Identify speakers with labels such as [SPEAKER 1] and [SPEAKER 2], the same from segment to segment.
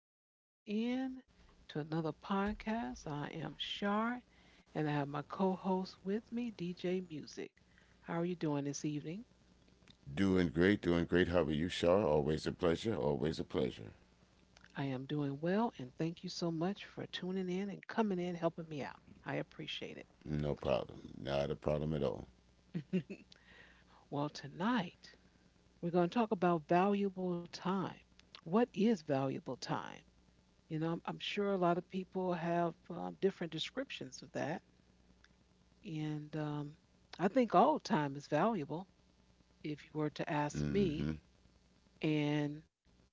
[SPEAKER 1] for tuning in to another podcast. I am Shar, and I have my co host with me, DJ Music. How are you doing this evening?
[SPEAKER 2] Doing great, doing great. How are you, Shar? Always a pleasure, always a pleasure.
[SPEAKER 1] I am doing well, and thank you so much for tuning in and coming in, helping me out. I appreciate
[SPEAKER 2] No problem, not a problem at all.
[SPEAKER 1] it. Well, tonight we're going to talk about valuable time. What is valuable time? You know, I'm sure a lot of people have different descriptions of that. And I think all time is valuable if you were to ask me.
[SPEAKER 2] Mm-hmm.
[SPEAKER 1] And,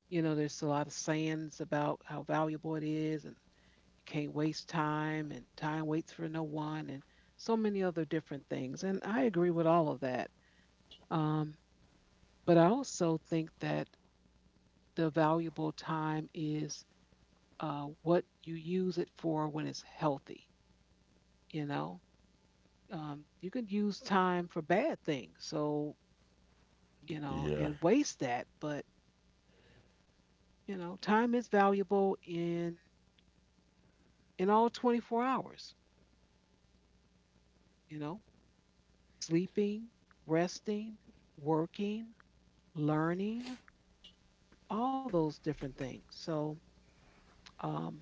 [SPEAKER 1] you know, there's a lot of sayings about how valuable it is and you can't waste time and time waits for no one and so many other different things. And I agree with all of that. Um, but I also think that the valuable time is what you use it for when it's healthy, you know? You can use time for bad things. So you know, and
[SPEAKER 2] Yeah,
[SPEAKER 1] waste that. But, you know, time is valuable in all 24 hours, you know, sleeping, resting, working, learning, all those different things. So, um,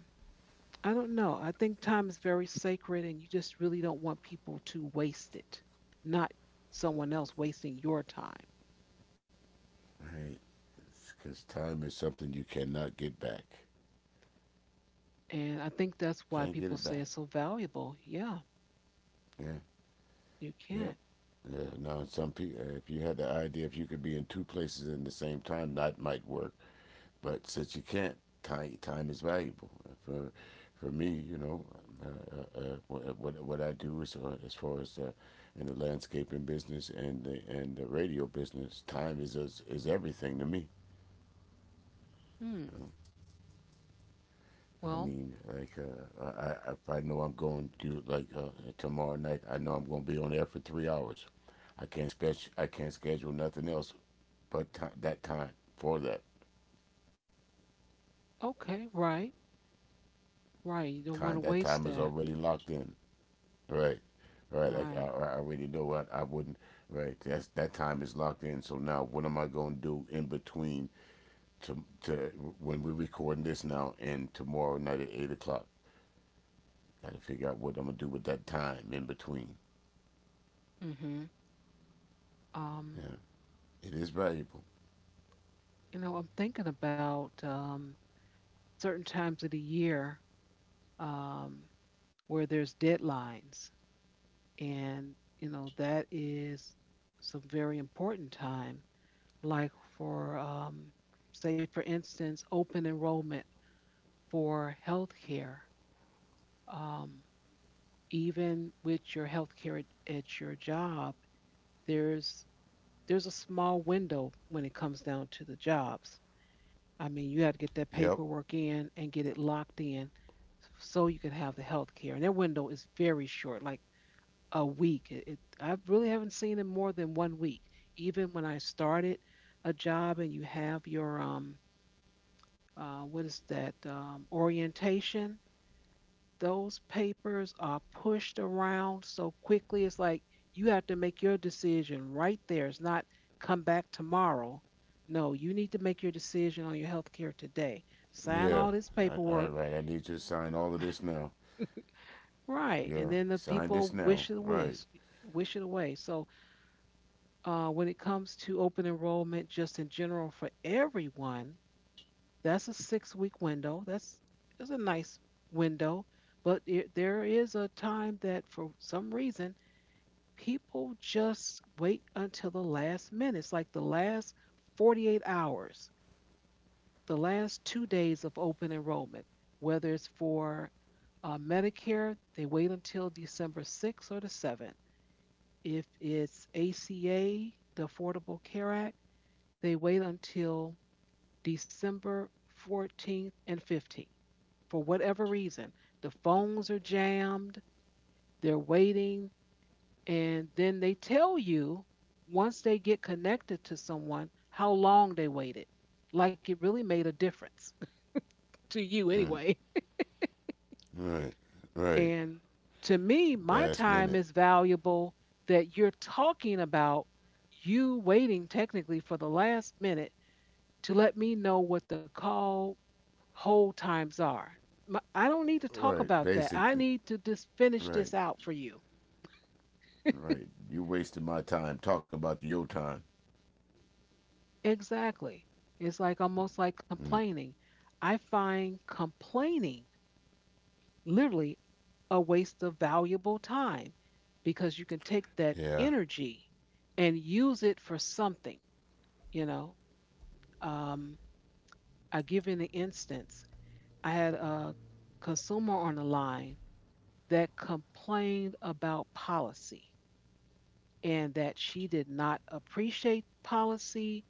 [SPEAKER 1] I don't know. I think time is very sacred and you just really don't want people to waste it, not someone else wasting your time.
[SPEAKER 2] right. Because time is something you cannot get back.
[SPEAKER 1] And I think that's why
[SPEAKER 2] Can't get
[SPEAKER 1] people
[SPEAKER 2] it
[SPEAKER 1] say
[SPEAKER 2] back.
[SPEAKER 1] it's so valuable. Yeah,
[SPEAKER 2] Yeah.
[SPEAKER 1] you
[SPEAKER 2] Yep.
[SPEAKER 1] can't.
[SPEAKER 2] Yeah. Now, some people, if you had the idea if you could be in two places in the same time, that might work. But since you can't, time is valuable. For for me, you know, what I do is, as far as, in the landscaping business and the radio business, time is everything to me.
[SPEAKER 1] Hmm.
[SPEAKER 2] You know? I
[SPEAKER 1] Well,
[SPEAKER 2] mean, like, I if I know I'm going to, like, tomorrow night, I know I'm going to be on there for 3 hours. I can't schedule nothing else but ti that time for that
[SPEAKER 1] okay, right. Right. You don't want
[SPEAKER 2] time.
[SPEAKER 1] to
[SPEAKER 2] That
[SPEAKER 1] waste
[SPEAKER 2] time is
[SPEAKER 1] that.
[SPEAKER 2] already locked in. Right, right. Like,
[SPEAKER 1] Right.
[SPEAKER 2] I already know what I wouldn't. Right, that's that time is locked in. So now, what am I gonna do in between to when we're recording this now and tomorrow night at 8 o'clock? Got to figure out what I'm gonna do with that time in between.
[SPEAKER 1] mm hmm Um,
[SPEAKER 2] Yeah, it is valuable.
[SPEAKER 1] you know, I'm thinking about certain times of the year, um, where there's deadlines, and you know that is some very important time. Like for say, for instance, open enrollment for healthcare. Um, even with your healthcare at your job, there's there's a small window when it comes down to the jobs. I mean, you had to get that
[SPEAKER 2] Yep.
[SPEAKER 1] paperwork in and get it locked in so you could have the health care. And their window is very short, like a week. I really haven't seen it more than 1 week. Even when I started a job and you have your, what is that, orientation, those papers are pushed around so quickly. It's like you have to make your decision right there. It's not come back tomorrow. No, you need to make your decision on your health care today. Sign
[SPEAKER 2] Yeah.
[SPEAKER 1] all this
[SPEAKER 2] All right.
[SPEAKER 1] paperwork,
[SPEAKER 2] Right. I need you to sign all of this now.
[SPEAKER 1] right? And
[SPEAKER 2] Yeah.
[SPEAKER 1] then the
[SPEAKER 2] Sign this
[SPEAKER 1] people
[SPEAKER 2] now.
[SPEAKER 1] wish it
[SPEAKER 2] Right.
[SPEAKER 1] wish it away. So when it comes to open enrollment, just in general for everyone, that's a 6 week window. That's a nice window, but it, there is a time that for some reason people just wait until the last minute. It's like the last 48 hours, the last 2 days of open enrollment, whether it's for Medicare, they wait until December 6th or the 7th. If it's ACA, the Affordable Care Act, they wait until December 14th and 15th for whatever reason. The phones are jammed, they're waiting, and then they tell you once they get connected to someone how long they waited. Like it really made a difference to you
[SPEAKER 2] Mm.
[SPEAKER 1] anyway.
[SPEAKER 2] Right. Right.
[SPEAKER 1] And to me, my
[SPEAKER 2] Last
[SPEAKER 1] time
[SPEAKER 2] minute.
[SPEAKER 1] is valuable that you're talking about you waiting technically for the last minute to let me know what the call hold times are. My, I don't need to talk
[SPEAKER 2] Right.
[SPEAKER 1] about that. I
[SPEAKER 2] Basically.
[SPEAKER 1] need to just finish
[SPEAKER 2] Right.
[SPEAKER 1] this out for you.
[SPEAKER 2] Right. You wasted my time talking about your time.
[SPEAKER 1] Exactly. It's like almost like complaining. I find complaining literally a waste of valuable time because you can take that
[SPEAKER 2] Yeah.
[SPEAKER 1] energy and use it for something, you know. Um, I give you an instance. I had a consumer on the line that complained about policy and that she did not appreciate policy.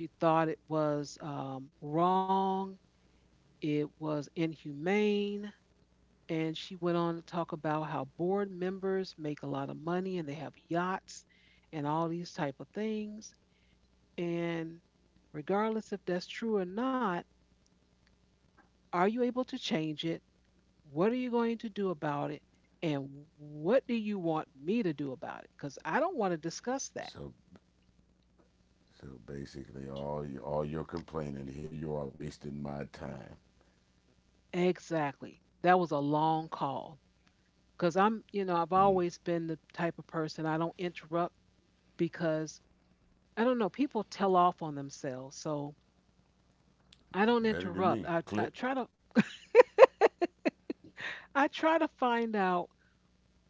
[SPEAKER 1] She thought it was wrong. It was inhumane. And she went on to talk about how board members make a lot of money and they have yachts and all these type of things. And regardless if that's true or not, are you able to change it? What are you going to do about it? And what do you want me to do about it? Because I don't want to discuss that.
[SPEAKER 2] So so basically, all your complaining here, you are wasting my time.
[SPEAKER 1] Exactly. That was a long call because I'm, you know, I've
[SPEAKER 2] Hmm.
[SPEAKER 1] always been the type of person I don't interrupt because I don't know. People tell off on themselves, so I don't
[SPEAKER 2] Better than
[SPEAKER 1] interrupt.
[SPEAKER 2] me.
[SPEAKER 1] I
[SPEAKER 2] Click.
[SPEAKER 1] try to I try to find out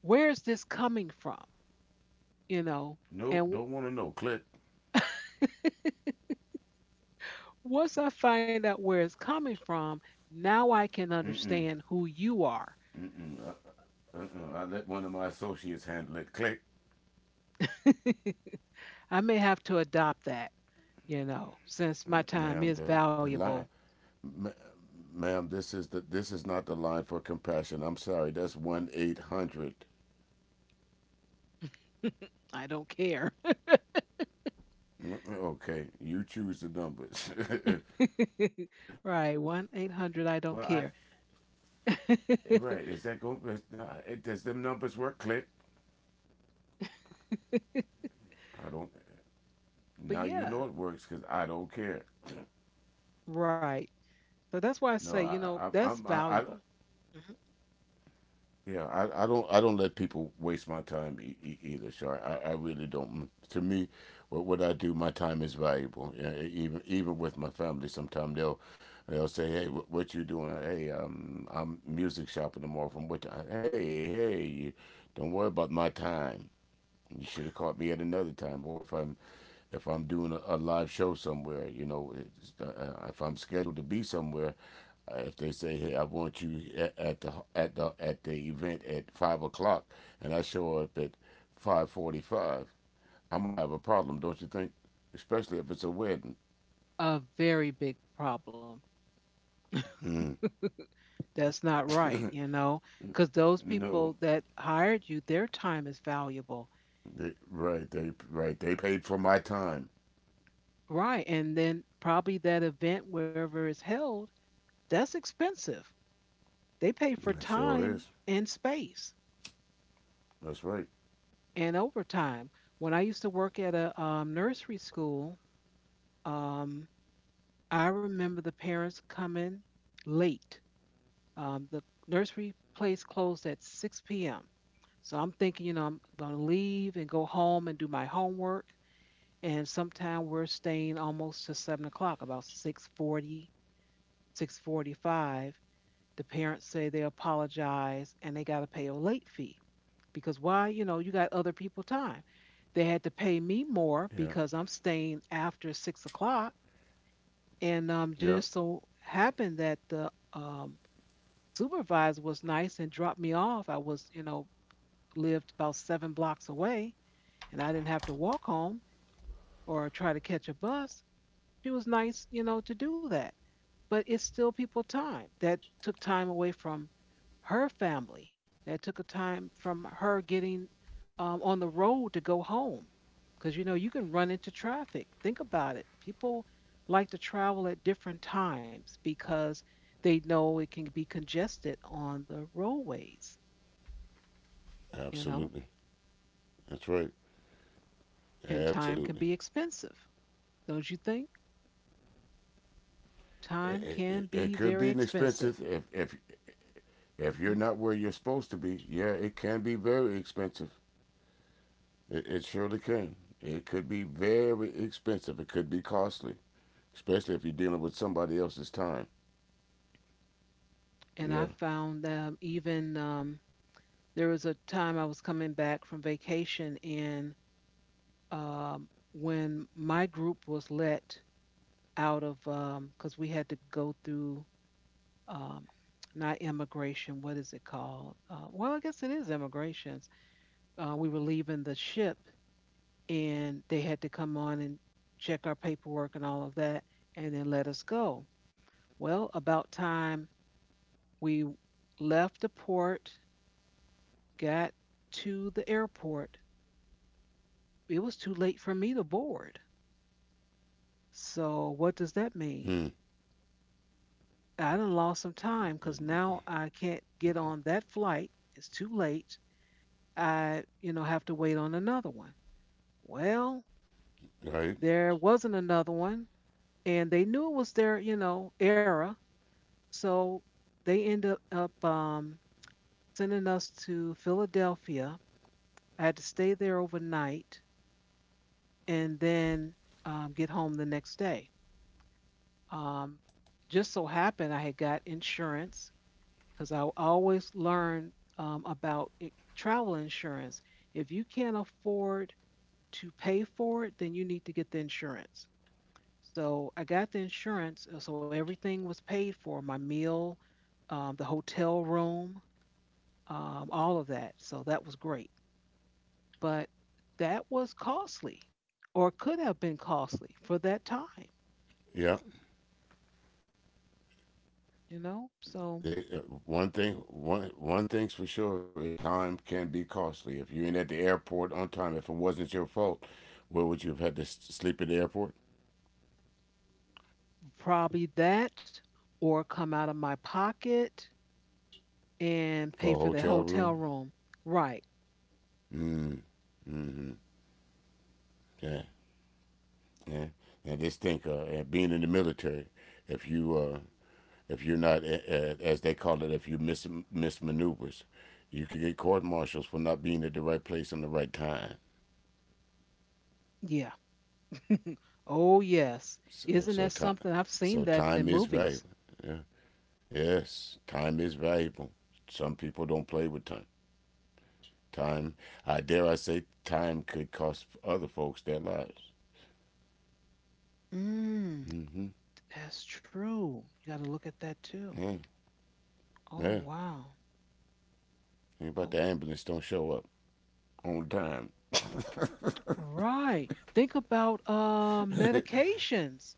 [SPEAKER 1] where is this coming from, you know.
[SPEAKER 2] Nope,
[SPEAKER 1] And
[SPEAKER 2] don't
[SPEAKER 1] w-
[SPEAKER 2] want to know. Click.
[SPEAKER 1] Once I find out where it's coming from, now I can understand who you are.
[SPEAKER 2] Uh-uh. I let one of my associates handle it. Click.
[SPEAKER 1] I may have to adopt that, you know, since my
[SPEAKER 2] Mm,
[SPEAKER 1] time
[SPEAKER 2] ma'am,
[SPEAKER 1] is
[SPEAKER 2] the
[SPEAKER 1] valuable.
[SPEAKER 2] line, ma- ma'am, this is not the line for compassion. I'm sorry. That's 1-800. Mm,
[SPEAKER 1] I don't care.
[SPEAKER 2] okay, you choose the numbers.
[SPEAKER 1] Right, 1-800. I
[SPEAKER 2] well,
[SPEAKER 1] don't care.
[SPEAKER 2] Right. Is that going? Nah, does them numbers work? Click. I don't.
[SPEAKER 1] But
[SPEAKER 2] Now you
[SPEAKER 1] yeah,
[SPEAKER 2] know it works because I don't care.
[SPEAKER 1] right. So that's why I
[SPEAKER 2] No,
[SPEAKER 1] say, you know,
[SPEAKER 2] I,
[SPEAKER 1] that's
[SPEAKER 2] I'm, I
[SPEAKER 1] valuable. Mhm.
[SPEAKER 2] yeah, I don't let people waste my time, either, Shar. I really don't. To me, what I do, my time is valuable. Yeah, even with my family, sometimes they'll say, hey, what you doing? Hey, I'm music shopping tomorrow. From what time? Hey, you, don't worry about my time. You should have caught me at another time. Or if I'm doing, a live show somewhere, you know, it's, if I'm scheduled to be somewhere, if they say, "Hey, I want you at, at the event at 5 o'clock," and I show up at 5:45, I'm gonna have a problem, don't you think? Especially if it's a wedding.
[SPEAKER 1] A very big problem.
[SPEAKER 2] Mm.
[SPEAKER 1] That's not right, you know, because those people
[SPEAKER 2] No,
[SPEAKER 1] that hired you, their time is valuable.
[SPEAKER 2] they, right? They, right? They paid for my time.
[SPEAKER 1] Right. And then probably that event, wherever it's held, that's expensive. They pay for
[SPEAKER 2] It sure is.
[SPEAKER 1] time and space
[SPEAKER 2] That's right.
[SPEAKER 1] and overtime. When I used to work at a nursery school, um, I remember the parents coming late. The nursery place closed at 6 p.m. So I'm thinking, you know, I'm going to leave and go home and do my homework. And sometime we're staying almost to 7 o'clock, about 6:40, 6:45. The parents say they apologize and they got to pay a late fee because why? You know, you got other people time. They had to pay me more
[SPEAKER 2] Yeah.
[SPEAKER 1] because I'm staying after 6 o'clock. And
[SPEAKER 2] Yep.
[SPEAKER 1] just so happened that the supervisor was nice and dropped me off. I was, you know, lived about seven blocks away and I didn't have to walk home or try to catch a bus. It was nice, you know, to do that. But it's still people time that took time away from her family, that took a time from her getting on the road to go home. Because, you know, you can run into traffic. Think about it. People like to travel at different times because they know it can be congested on the roadways, you know,
[SPEAKER 2] Absolutely. That's right.
[SPEAKER 1] and time can
[SPEAKER 2] Absolutely.
[SPEAKER 1] be expensive, don't you think? Time can
[SPEAKER 2] It
[SPEAKER 1] be
[SPEAKER 2] could be
[SPEAKER 1] very expensive.
[SPEAKER 2] inexpensive if, if you're
[SPEAKER 1] Hmm.
[SPEAKER 2] not where you're supposed to be, yeah, it can be very expensive. It surely can. It could be very expensive. It could be costly, especially if you're dealing with somebody else's time.
[SPEAKER 1] And
[SPEAKER 2] Yeah.
[SPEAKER 1] I found even there was a time I was coming back from vacation, and when my group was let out of, because we had to go through um, not immigration, what is it called? Well, I guess it is immigrations. We were leaving the ship, and they had to come on and check our paperwork and all of that, and then let us go. Well, about time we left the port, got to the airport. It was too late for me to board. So, what does that mean?
[SPEAKER 2] Hmm.
[SPEAKER 1] I done lost some time because now I can't get on that flight. It's too late. I, you know, have to wait on another one. Well,
[SPEAKER 2] Right.
[SPEAKER 1] there wasn't another one, and they knew it was their, you know, era. So they ended up sending us to Philadelphia. I had to stay there overnight. And then get home the next day. Um, just so happened I had got insurance because I always learned travel insurance. If you can't afford to pay for it, then you need to get the insurance. So I got the insurance, so everything was paid for my meal, the hotel room, all of that. So that was great. But that was costly or could have been costly for that time.
[SPEAKER 2] Yeah.
[SPEAKER 1] You know, so
[SPEAKER 2] They, one thing, one thing's for sure is time can be costly. If you ain't at the airport on time, if it wasn't your fault, where would you have had to sleep at the airport
[SPEAKER 1] probably that or come out of my pocket and
[SPEAKER 2] for
[SPEAKER 1] pay
[SPEAKER 2] a
[SPEAKER 1] for the
[SPEAKER 2] hotel
[SPEAKER 1] hotel
[SPEAKER 2] room?
[SPEAKER 1] room, right.
[SPEAKER 2] Mm. Mm-hmm. Yeah. Yeah. And just think, and being in the military, if you, if you're not, as they call it, if you miss maneuvers, you could get court martials for not being at the right place on the right time.
[SPEAKER 1] Yeah. Oh yes.
[SPEAKER 2] So,
[SPEAKER 1] Isn't that something? I've
[SPEAKER 2] so
[SPEAKER 1] seen that in
[SPEAKER 2] time is
[SPEAKER 1] movies.
[SPEAKER 2] valuable. Yeah. Yes, time is valuable. Some people don't play with time. Time, I dare I say, time could cost other folks their lives.
[SPEAKER 1] Mm, that's true, you got to look at that too.
[SPEAKER 2] Yeah.
[SPEAKER 1] Oh
[SPEAKER 2] Yeah.
[SPEAKER 1] wow.
[SPEAKER 2] Think about
[SPEAKER 1] Oh,
[SPEAKER 2] the ambulance don't show up on time.
[SPEAKER 1] right. Think about medications.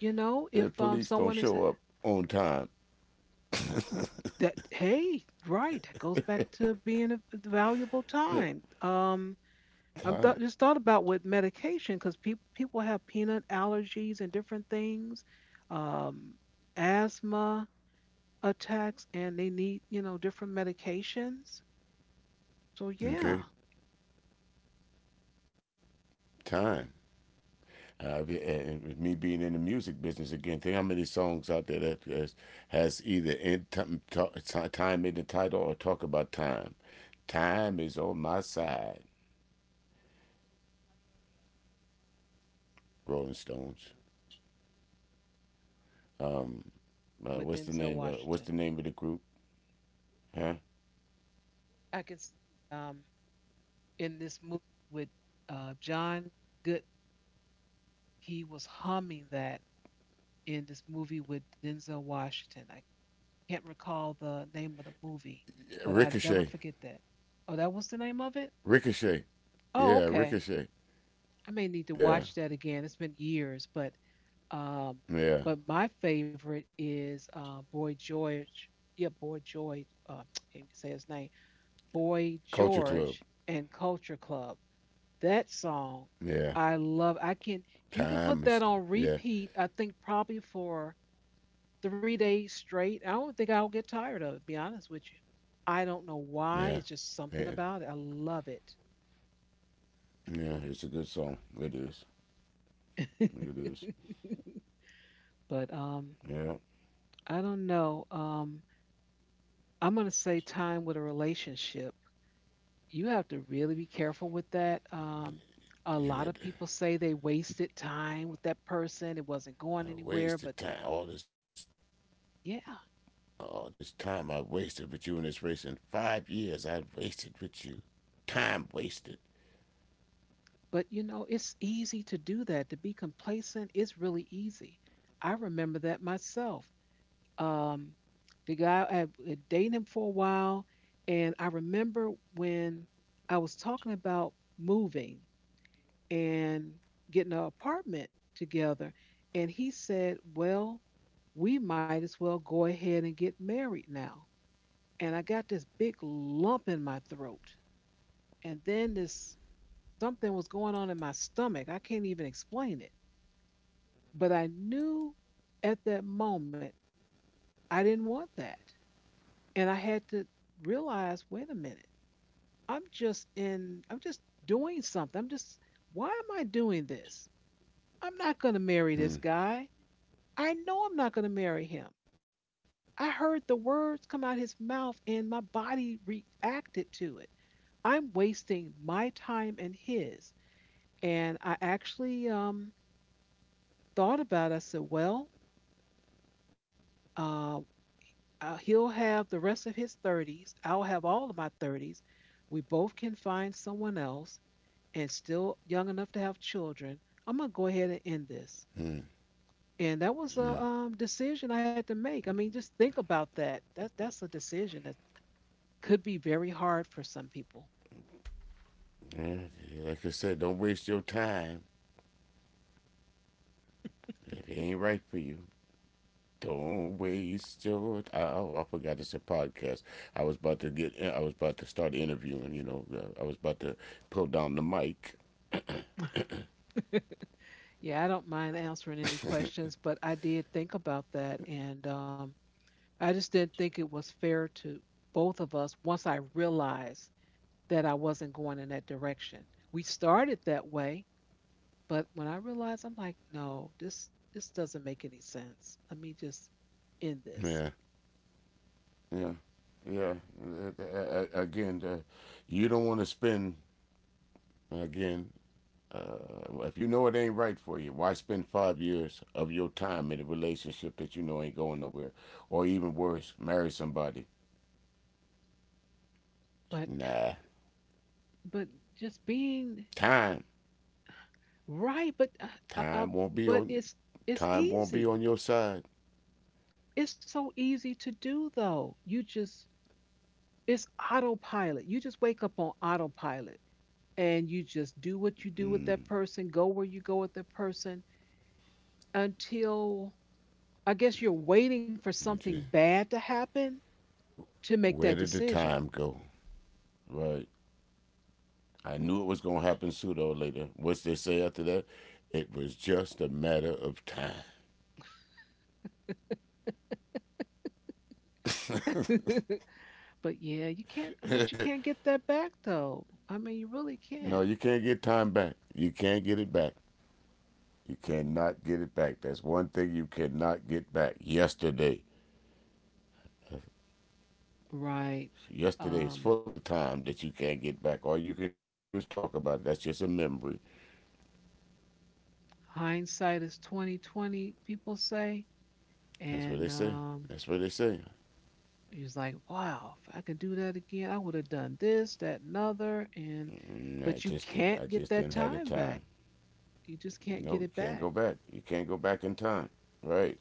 [SPEAKER 1] You know,
[SPEAKER 2] The
[SPEAKER 1] if
[SPEAKER 2] police don't
[SPEAKER 1] someone is
[SPEAKER 2] show up on time.
[SPEAKER 1] that hey right that goes back to being a valuable time, um,
[SPEAKER 2] Time.
[SPEAKER 1] just thought about with medication because people have peanut allergies and different things, um, asthma attacks, and they need, you know, different medications. So yeah,
[SPEAKER 2] Okay. Time. Uh, and- with me being in the music business again, think how many songs out there that has either in time in the title or talk about time. Time is on my side. Rolling Stones.
[SPEAKER 1] with
[SPEAKER 2] What's the
[SPEAKER 1] Denzel
[SPEAKER 2] name?
[SPEAKER 1] Washington,
[SPEAKER 2] What's the name of the group? Huh?
[SPEAKER 1] I can see um, in this movie with John Good, he was humming that in this movie with Denzel Washington. I can't recall the name of the movie, but I never
[SPEAKER 2] Ricochet.
[SPEAKER 1] forget that. Oh, that was the name of it.
[SPEAKER 2] Ricochet.
[SPEAKER 1] Oh,
[SPEAKER 2] Yeah,
[SPEAKER 1] okay.
[SPEAKER 2] Ricochet.
[SPEAKER 1] I may need to
[SPEAKER 2] Yeah,
[SPEAKER 1] watch that again. It's been years, um,
[SPEAKER 2] yeah.
[SPEAKER 1] but my favorite is Boy George. Yeah, Boy George. Can't even say his name. Boy
[SPEAKER 2] Culture Club.
[SPEAKER 1] George and Culture Club. That song,
[SPEAKER 2] Yeah.
[SPEAKER 1] I love. I can. You can
[SPEAKER 2] Time
[SPEAKER 1] put that
[SPEAKER 2] is.
[SPEAKER 1] on
[SPEAKER 2] Yeah,
[SPEAKER 1] repeat. I think probably for 3 days straight. I don't think I'll get tired of it. To be honest with you. I don't know why.
[SPEAKER 2] yeah,
[SPEAKER 1] It's just something
[SPEAKER 2] yeah.
[SPEAKER 1] about it. I love it.
[SPEAKER 2] Yeah, it's a good song. It is. It is.
[SPEAKER 1] But
[SPEAKER 2] Yeah.
[SPEAKER 1] I don't know. I'm going to say time with a relationship. You have to really be careful with that. A lot of
[SPEAKER 2] You
[SPEAKER 1] people
[SPEAKER 2] got
[SPEAKER 1] say they wasted time with that person. It wasn't going
[SPEAKER 2] I
[SPEAKER 1] anywhere, but
[SPEAKER 2] wasted time.
[SPEAKER 1] yeah.
[SPEAKER 2] All this time I wasted with you in this race. In 5 years, I wasted with you. Time wasted.
[SPEAKER 1] But you know, it's easy to do that. To be complacent is really easy. I remember that myself. Um, the guy I had dated him for a while, and I remember when I was talking about moving and getting an apartment together. And he said, "Well, we might as well go ahead and get married now." And I got this big lump in my throat. And then this something was going on in my stomach. I can't even explain it. But I knew at that moment I didn't want that. And I had to realize, wait a minute, I'm just doing something. Why am I doing this? I'm not going to marry this
[SPEAKER 2] Hmm.
[SPEAKER 1] guy. I know I'm not going to marry him. I heard the words come out his mouth and my body reacted to it. I'm wasting my time and his. And I actually thought about it. I said, well, uh, he'll have the rest of his 30s. I'll have all of my 30s. We both can find someone else and still young enough to have children. I'm going to go ahead and end this. And that was a decision I had to make. I mean, just think about that. That's a decision that's could be very hard for some people.
[SPEAKER 2] Yeah, like I said, don't waste your time if it ain't right for you. Don't waste your. I, oh, I forgot it's a podcast. I was about to get. I was about to start interviewing. You know, I was about to pull down the mic.
[SPEAKER 1] Yeah, I don't mind answering any questions, but I did think about that. And I just didn't think it was fair to both of us once I realized that I wasn't going in that direction. We started that way, but when I realized, I'm like, no, this doesn't make any sense. Let me just end this.
[SPEAKER 2] Yeah, yeah, yeah. Again, you don't want to spend Again, uh, if you know it ain't right for you, why spend 5 years of your time in a relationship that you know ain't going nowhere? Or even worse, marry somebody.
[SPEAKER 1] But
[SPEAKER 2] Nah.
[SPEAKER 1] but just being
[SPEAKER 2] Time.
[SPEAKER 1] right, uh, uh,
[SPEAKER 2] Time won't be
[SPEAKER 1] but
[SPEAKER 2] on
[SPEAKER 1] it's
[SPEAKER 2] time won't be
[SPEAKER 1] easy.
[SPEAKER 2] on your side.
[SPEAKER 1] It's so easy to do though. You just it's autopilot. You just wake up on autopilot and you just do what you do with that person, go where you go with that person until I guess you're waiting for
[SPEAKER 2] You
[SPEAKER 1] something
[SPEAKER 2] just
[SPEAKER 1] bad to happen to make that
[SPEAKER 2] where did the
[SPEAKER 1] decision.
[SPEAKER 2] time go? Right. I knew it was gonna happen sooner or later. What's they say after that? It was just a matter of time.
[SPEAKER 1] But yeah, you can't. But you can't get that back though. I mean, you really
[SPEAKER 2] no,
[SPEAKER 1] can't.
[SPEAKER 2] you can't get time back. You can't get it back. You
[SPEAKER 1] Mm.
[SPEAKER 2] cannot get it back. That's one thing you cannot get back. Yesterday.
[SPEAKER 1] Right.
[SPEAKER 2] Yesterday is
[SPEAKER 1] Um,
[SPEAKER 2] full of time that you can't get back. All you can do is talk about it. That's just a memory.
[SPEAKER 1] Hindsight is 2020, people say,
[SPEAKER 2] That's what they
[SPEAKER 1] and
[SPEAKER 2] say. That's what they say.
[SPEAKER 1] he was like, "Wow, if I could do that again, I would have done this, that, and other." And
[SPEAKER 2] Mm,
[SPEAKER 1] but you
[SPEAKER 2] I
[SPEAKER 1] can't get
[SPEAKER 2] just
[SPEAKER 1] that
[SPEAKER 2] didn't have the
[SPEAKER 1] time
[SPEAKER 2] time.
[SPEAKER 1] back. You just can't
[SPEAKER 2] No,
[SPEAKER 1] get
[SPEAKER 2] you
[SPEAKER 1] it
[SPEAKER 2] can't
[SPEAKER 1] back.
[SPEAKER 2] go back. You can't go back in time. Right.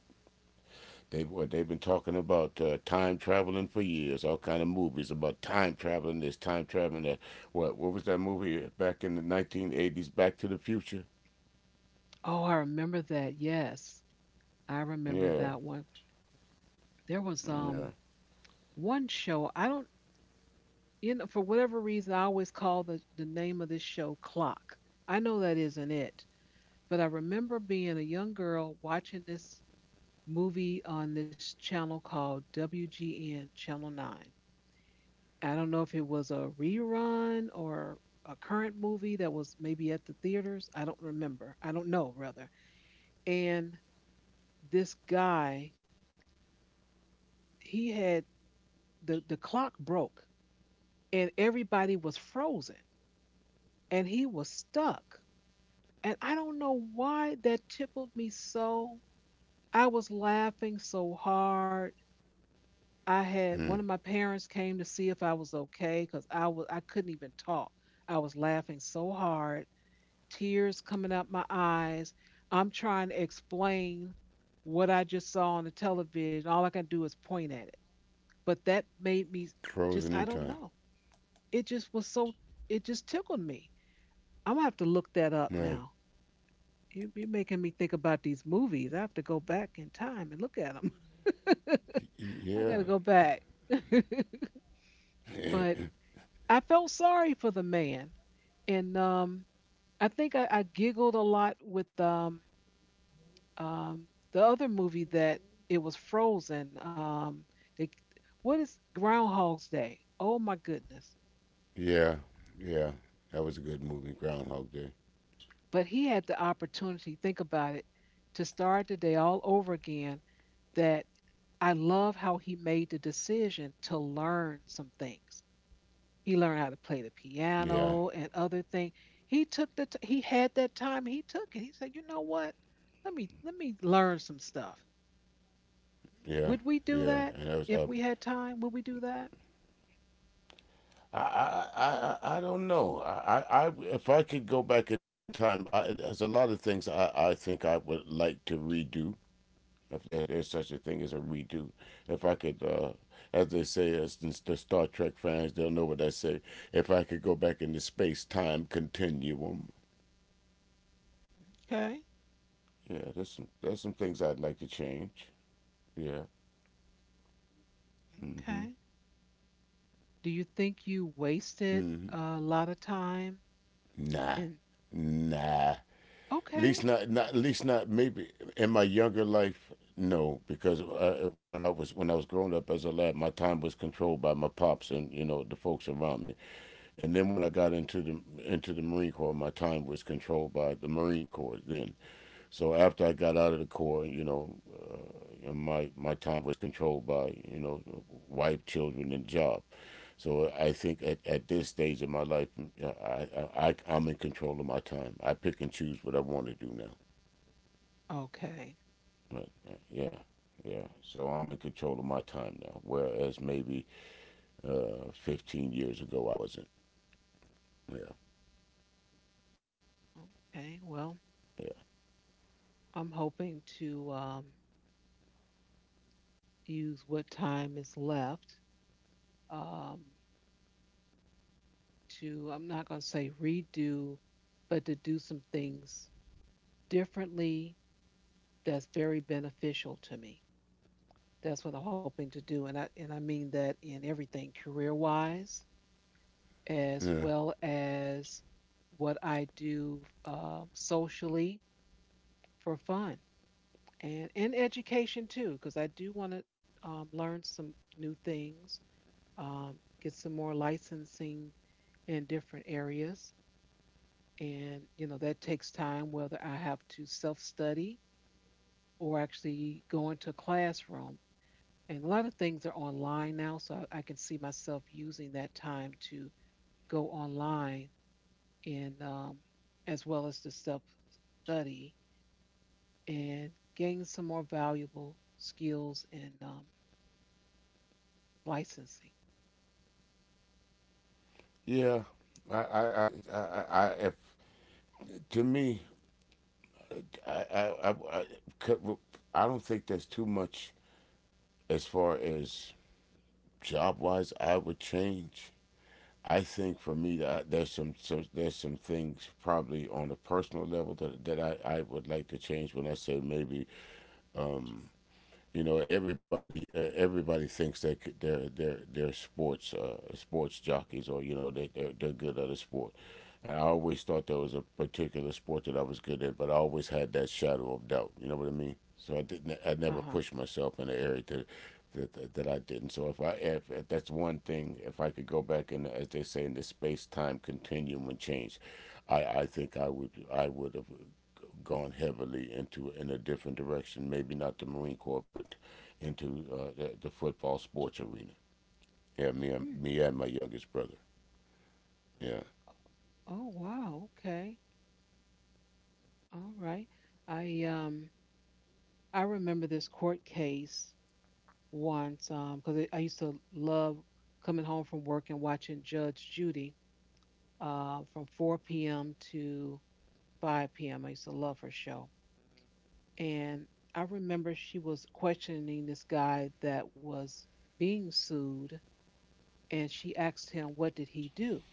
[SPEAKER 2] They boy, they've been talking about, time traveling for years. All kind of movies about time traveling. This time traveling. That what? What was that movie back in the 1980s? Back to the Future.
[SPEAKER 1] Oh, I remember that. Yes, I remember
[SPEAKER 2] Yeah,
[SPEAKER 1] that one. There was
[SPEAKER 2] yeah.
[SPEAKER 1] one show. I don't. You know, for whatever reason, I always call the name of this show Clock. I know that isn't it, but I remember being a young girl watching this movie on this channel called WGN, Channel 9. I don't know if it was a rerun or a current movie that was maybe at the theaters. I don't remember. I don't know, rather. And this guy, he had the clock broke and everybody was frozen and he was stuck. And I don't know why that tickled me so. I was laughing so hard. I had
[SPEAKER 2] Hmm.
[SPEAKER 1] one of my parents came to see if I was okay because I couldn't even talk. I was laughing so hard, tears coming out my eyes. I'm trying to explain what I just saw on the television. All I can do is point at it. But that made me just,
[SPEAKER 2] Frozen
[SPEAKER 1] I
[SPEAKER 2] in
[SPEAKER 1] don't
[SPEAKER 2] time.
[SPEAKER 1] know. It just was so it just tickled me. I'm gonna have to look that up
[SPEAKER 2] Right.
[SPEAKER 1] now. You're making me think about these movies. I have to go back in time and look at them. I got to
[SPEAKER 2] Yeah.
[SPEAKER 1] go back. But I felt sorry for the man, and I think I giggled a lot with um, the other movie that it was Frozen. They, what is Groundhog's Day? Oh my goodness!
[SPEAKER 2] yeah. Yeah. That was a good movie, Groundhog Day.
[SPEAKER 1] But he had the opportunity, think about it, to start the day all over again. That, I love how he made the decision to learn some things. He learned how to play the
[SPEAKER 2] Yeah.
[SPEAKER 1] piano and other things. He had that time, he took it. He said, "You know what? Let me learn some stuff.
[SPEAKER 2] Yeah.
[SPEAKER 1] Would we do
[SPEAKER 2] Yeah.
[SPEAKER 1] that
[SPEAKER 2] And that was
[SPEAKER 1] if
[SPEAKER 2] up.
[SPEAKER 1] we had time? Would we do that?"
[SPEAKER 2] I, I, I, I don't know. If I could go back in time, there's a lot of things, I think I would like to redo. If there, there's such a thing as a redo, if I could, as they say, as the Star Trek fans, they'll know what I say. If I could go back in the space time continuum,
[SPEAKER 1] Okay.
[SPEAKER 2] yeah, there's some, things I'd like to change. Yeah.
[SPEAKER 1] Okay. Do you think you wasted a lot of time?
[SPEAKER 2] Nah,
[SPEAKER 1] And
[SPEAKER 2] nah. At
[SPEAKER 1] okay,
[SPEAKER 2] least not, maybe in my younger life. No, because, when I was, growing up as a lad, my time was controlled by my pops and, you know, the folks around me. And then when I got into the, Marine Corps, my time was controlled by the Marine Corps. Then, so after I got out of the Corps, you know, my time was controlled by, you know, wife, children, and job. So I think, at this stage of my life, uh, I, I am in control of my time. I pick and choose what I want to do now.
[SPEAKER 1] okay.
[SPEAKER 2] But, yeah, yeah. So I'm in control of my time now, whereas maybe, 15 years ago I wasn't. Yeah,
[SPEAKER 1] Okay, well,
[SPEAKER 2] yeah.
[SPEAKER 1] I'm hoping to use what time is left um, to, I'm not going to say redo, but to do some things differently that's very beneficial to me. That's what I'm hoping to do. And I mean that in everything career wise, as
[SPEAKER 2] Yeah.
[SPEAKER 1] well as what I do socially for fun and education too, because I do want to learn some new things, get some more licensing in different areas. And, you know, that takes time, whether I have to self study or actually go into a classroom. And a lot of things are online now, so I can see myself using that time to go online and as well as to self study and gain some more valuable skills and licensing.
[SPEAKER 2] Yeah. I, I, I, I if, to me, I, I, I, I, don't think there's too much as far as job wise I would change. I think for me that there's some, there's some things probably on a personal level that I would like to change. When I say maybe, um, you know, everybody, everybody thinks that they're sports, sports jockeys, or you know they're good at a sport, and I always thought there was a particular sport that I was good at, but I always had that shadow of doubt, you know what I mean, so I
[SPEAKER 1] Uh
[SPEAKER 2] never
[SPEAKER 1] huh.
[SPEAKER 2] pushed myself in the area that that I didn't, so if that's one thing, if I could go back in, as they say, in the space time continuum and change, I think I would, have gone heavily into, in a different direction. Maybe not the Marine Corps, but into, the football sports arena. Yeah, me and my youngest brother. Yeah,
[SPEAKER 1] Oh, wow. Okay. All right. I um I remember this court case once because I used to love coming home from work and watching Judge Judy from 4 p.m. to 5 p.m. I used to love her show. And I remember she was questioning this guy that was being sued and she asked him, what did he do?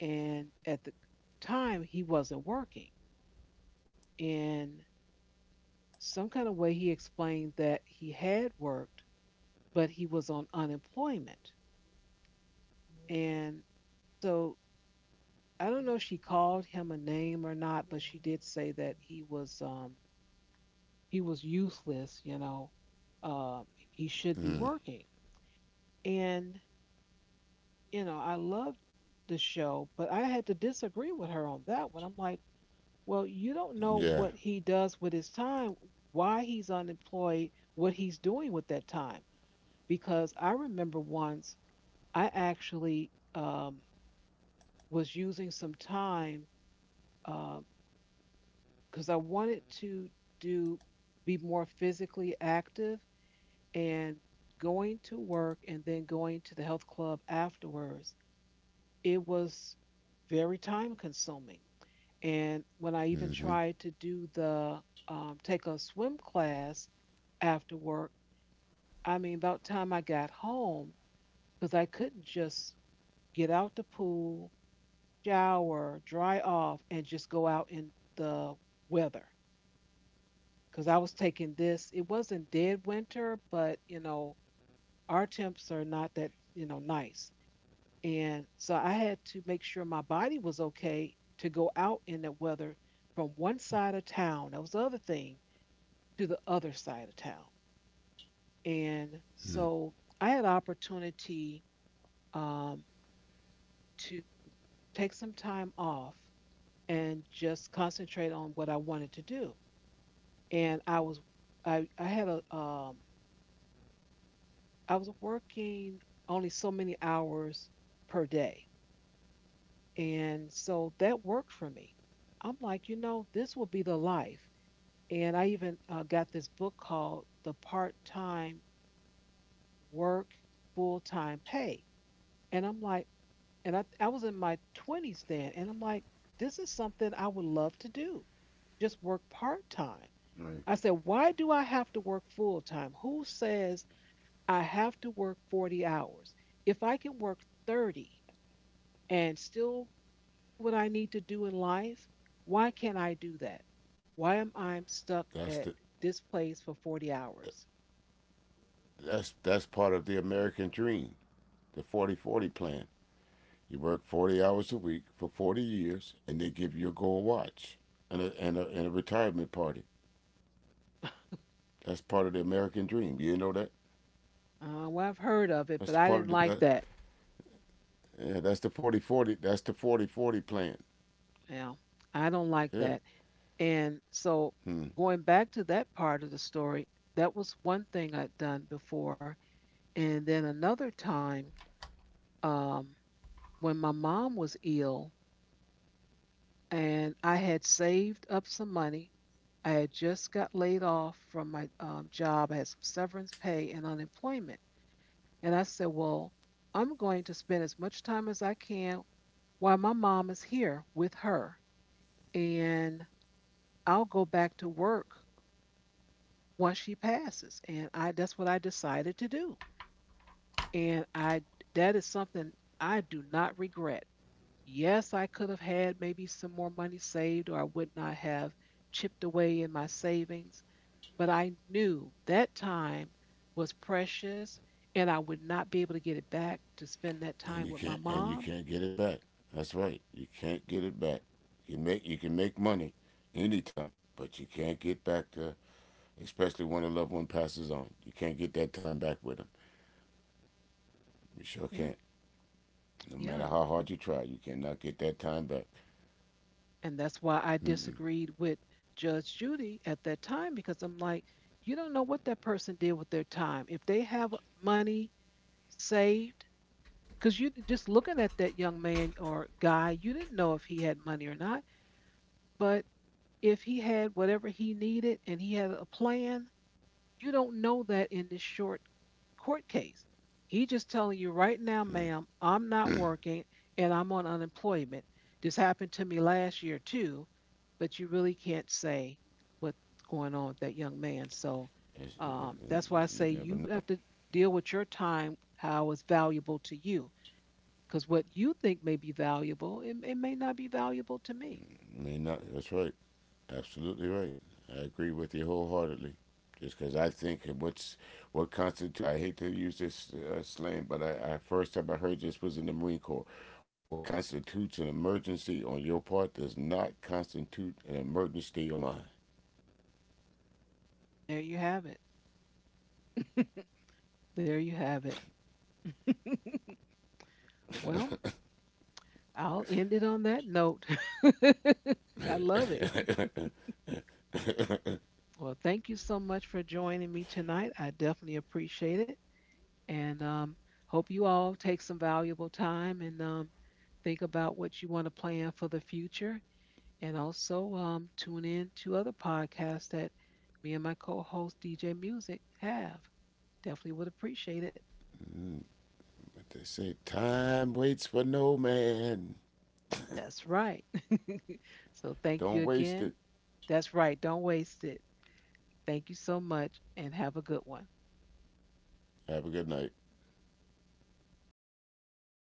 [SPEAKER 1] And at the time he wasn't working. And some kind of way he explained that he had worked but he was on unemployment. And so I don't know if she called him a name or not, but she did say that he was useless, you know. He should be working. And, you know, I loved the show, but I had to disagree with her on that one. I'm like, well, you don't know
[SPEAKER 2] yeah.
[SPEAKER 1] what he does with his time, why he's unemployed, what he's doing with that time. Because I remember once I actually was using some time because I wanted to do be more physically active, and going to work and then going to the health club afterwards, it was very time consuming. And when I even
[SPEAKER 2] Mm-hmm.
[SPEAKER 1] tried to do the take a swim class after work, I mean, about time I got home, because I couldn't just get out the pool, shower, dry off, and just go out in the weather. Because I was taking this, it wasn't dead winter, but you know, our temps are not that, you know, nice. And so I had to make sure my body was okay to go out in that weather, from one side of town, that was the other thing, to the other side of town. And
[SPEAKER 2] Mm-hmm.
[SPEAKER 1] so I had opportunity um, to take some time off and just concentrate on what I wanted to do. And I was, I had a I was working only so many hours per day. And so that worked for me. I'm like, you know, this will be the life. And I even got this book called The Part Time Work, Full Time Pay. And I'm like, and I was in my 20s then. And I'm like, this is something I would love to do, just work part time.
[SPEAKER 2] Right.
[SPEAKER 1] I said, why do I have to work full time? Who says I have to work 40 hours? If I can work 30 and still do what I need to do in life, why can't I do that? Why am I stuck
[SPEAKER 2] That's
[SPEAKER 1] at
[SPEAKER 2] the
[SPEAKER 1] this place for 40 hours?
[SPEAKER 2] that's part of the American dream, the 40 40 plan. You work 40 hours a week for 40 years, and they give you a gold watch and a retirement party. That's part of the American dream. You know that.
[SPEAKER 1] Well, I've heard of it,
[SPEAKER 2] That's
[SPEAKER 1] but
[SPEAKER 2] the
[SPEAKER 1] I
[SPEAKER 2] part
[SPEAKER 1] didn't
[SPEAKER 2] of the
[SPEAKER 1] like
[SPEAKER 2] that,
[SPEAKER 1] that.
[SPEAKER 2] yeah, that's the 40 40. That's the 40 40 plan.
[SPEAKER 1] Well, I don't like
[SPEAKER 2] Yeah.
[SPEAKER 1] that. And so,
[SPEAKER 2] Hmm.
[SPEAKER 1] going back to that part of the story, that was one thing I'd done before. And then another time, um, when my mom was ill, and I had saved up some money. I had just got laid off from my job. I had some severance pay and unemployment. And I said, well, I'm going to spend as much time as I can while my mom is here with her. And I'll go back to work once she passes. And I that's what I decided to do. And I that is something I do not regret. Yes, I could have had maybe some more money saved, or I would not have chipped away in my savings. But I knew that time was precious and I would not be able to get it back to spend that
[SPEAKER 2] And
[SPEAKER 1] time
[SPEAKER 2] you
[SPEAKER 1] with my
[SPEAKER 2] can't,
[SPEAKER 1] mom.
[SPEAKER 2] get it back. That's right. You can't get it back. You can make money anytime, but you can't get back to, especially when a loved one passes on. You can't get that time back with them. You sure
[SPEAKER 1] Yeah,
[SPEAKER 2] can't. No matter
[SPEAKER 1] yeah.
[SPEAKER 2] how hard you try, you cannot get that time back.
[SPEAKER 1] And that's why I
[SPEAKER 2] Mm-mm.
[SPEAKER 1] disagreed with Judge Judy at that time because I'm like, you don't know what that person did with their time. If they have money saved, because you just looking at that young man or guy, you didn't know if he had money or not, but if he had whatever he needed and he had a plan, you don't know that in this short court case. He just telling you right now, ma'am, I'm not working and I'm on unemployment. This happened to me last year too, but you really can't say what's going on with that young man. So
[SPEAKER 2] It's- it- it-
[SPEAKER 1] that's why I
[SPEAKER 2] you
[SPEAKER 1] say
[SPEAKER 2] never
[SPEAKER 1] you
[SPEAKER 2] know.
[SPEAKER 1] have to deal with your time how it's valuable to you. Because what you think may be valuable, it may not be valuable to me.
[SPEAKER 2] May not. That's right. Absolutely right. I agree with you wholeheartedly. Just because I think, what constitute I hate to use this, slang, but, I first time I heard this was in the Marine Corps. What constitutes an emergency on your part does not constitute an emergency on mine.
[SPEAKER 1] There you have it. There you have it. Well, I'll end it on that note. I love it. Well, thank you so much for joining me tonight. I definitely appreciate it. And hope you all take some valuable time and think about what you want to plan for the future. And also tune in to other podcasts that me and my co host DJ Music have. Definitely would appreciate it.
[SPEAKER 2] But they say time waits for no man.
[SPEAKER 1] That's right. So thank you
[SPEAKER 2] Don't waste
[SPEAKER 1] again.
[SPEAKER 2] it.
[SPEAKER 1] That's right. Don't waste it. Thank you so much and have a good one.
[SPEAKER 2] Have a good night.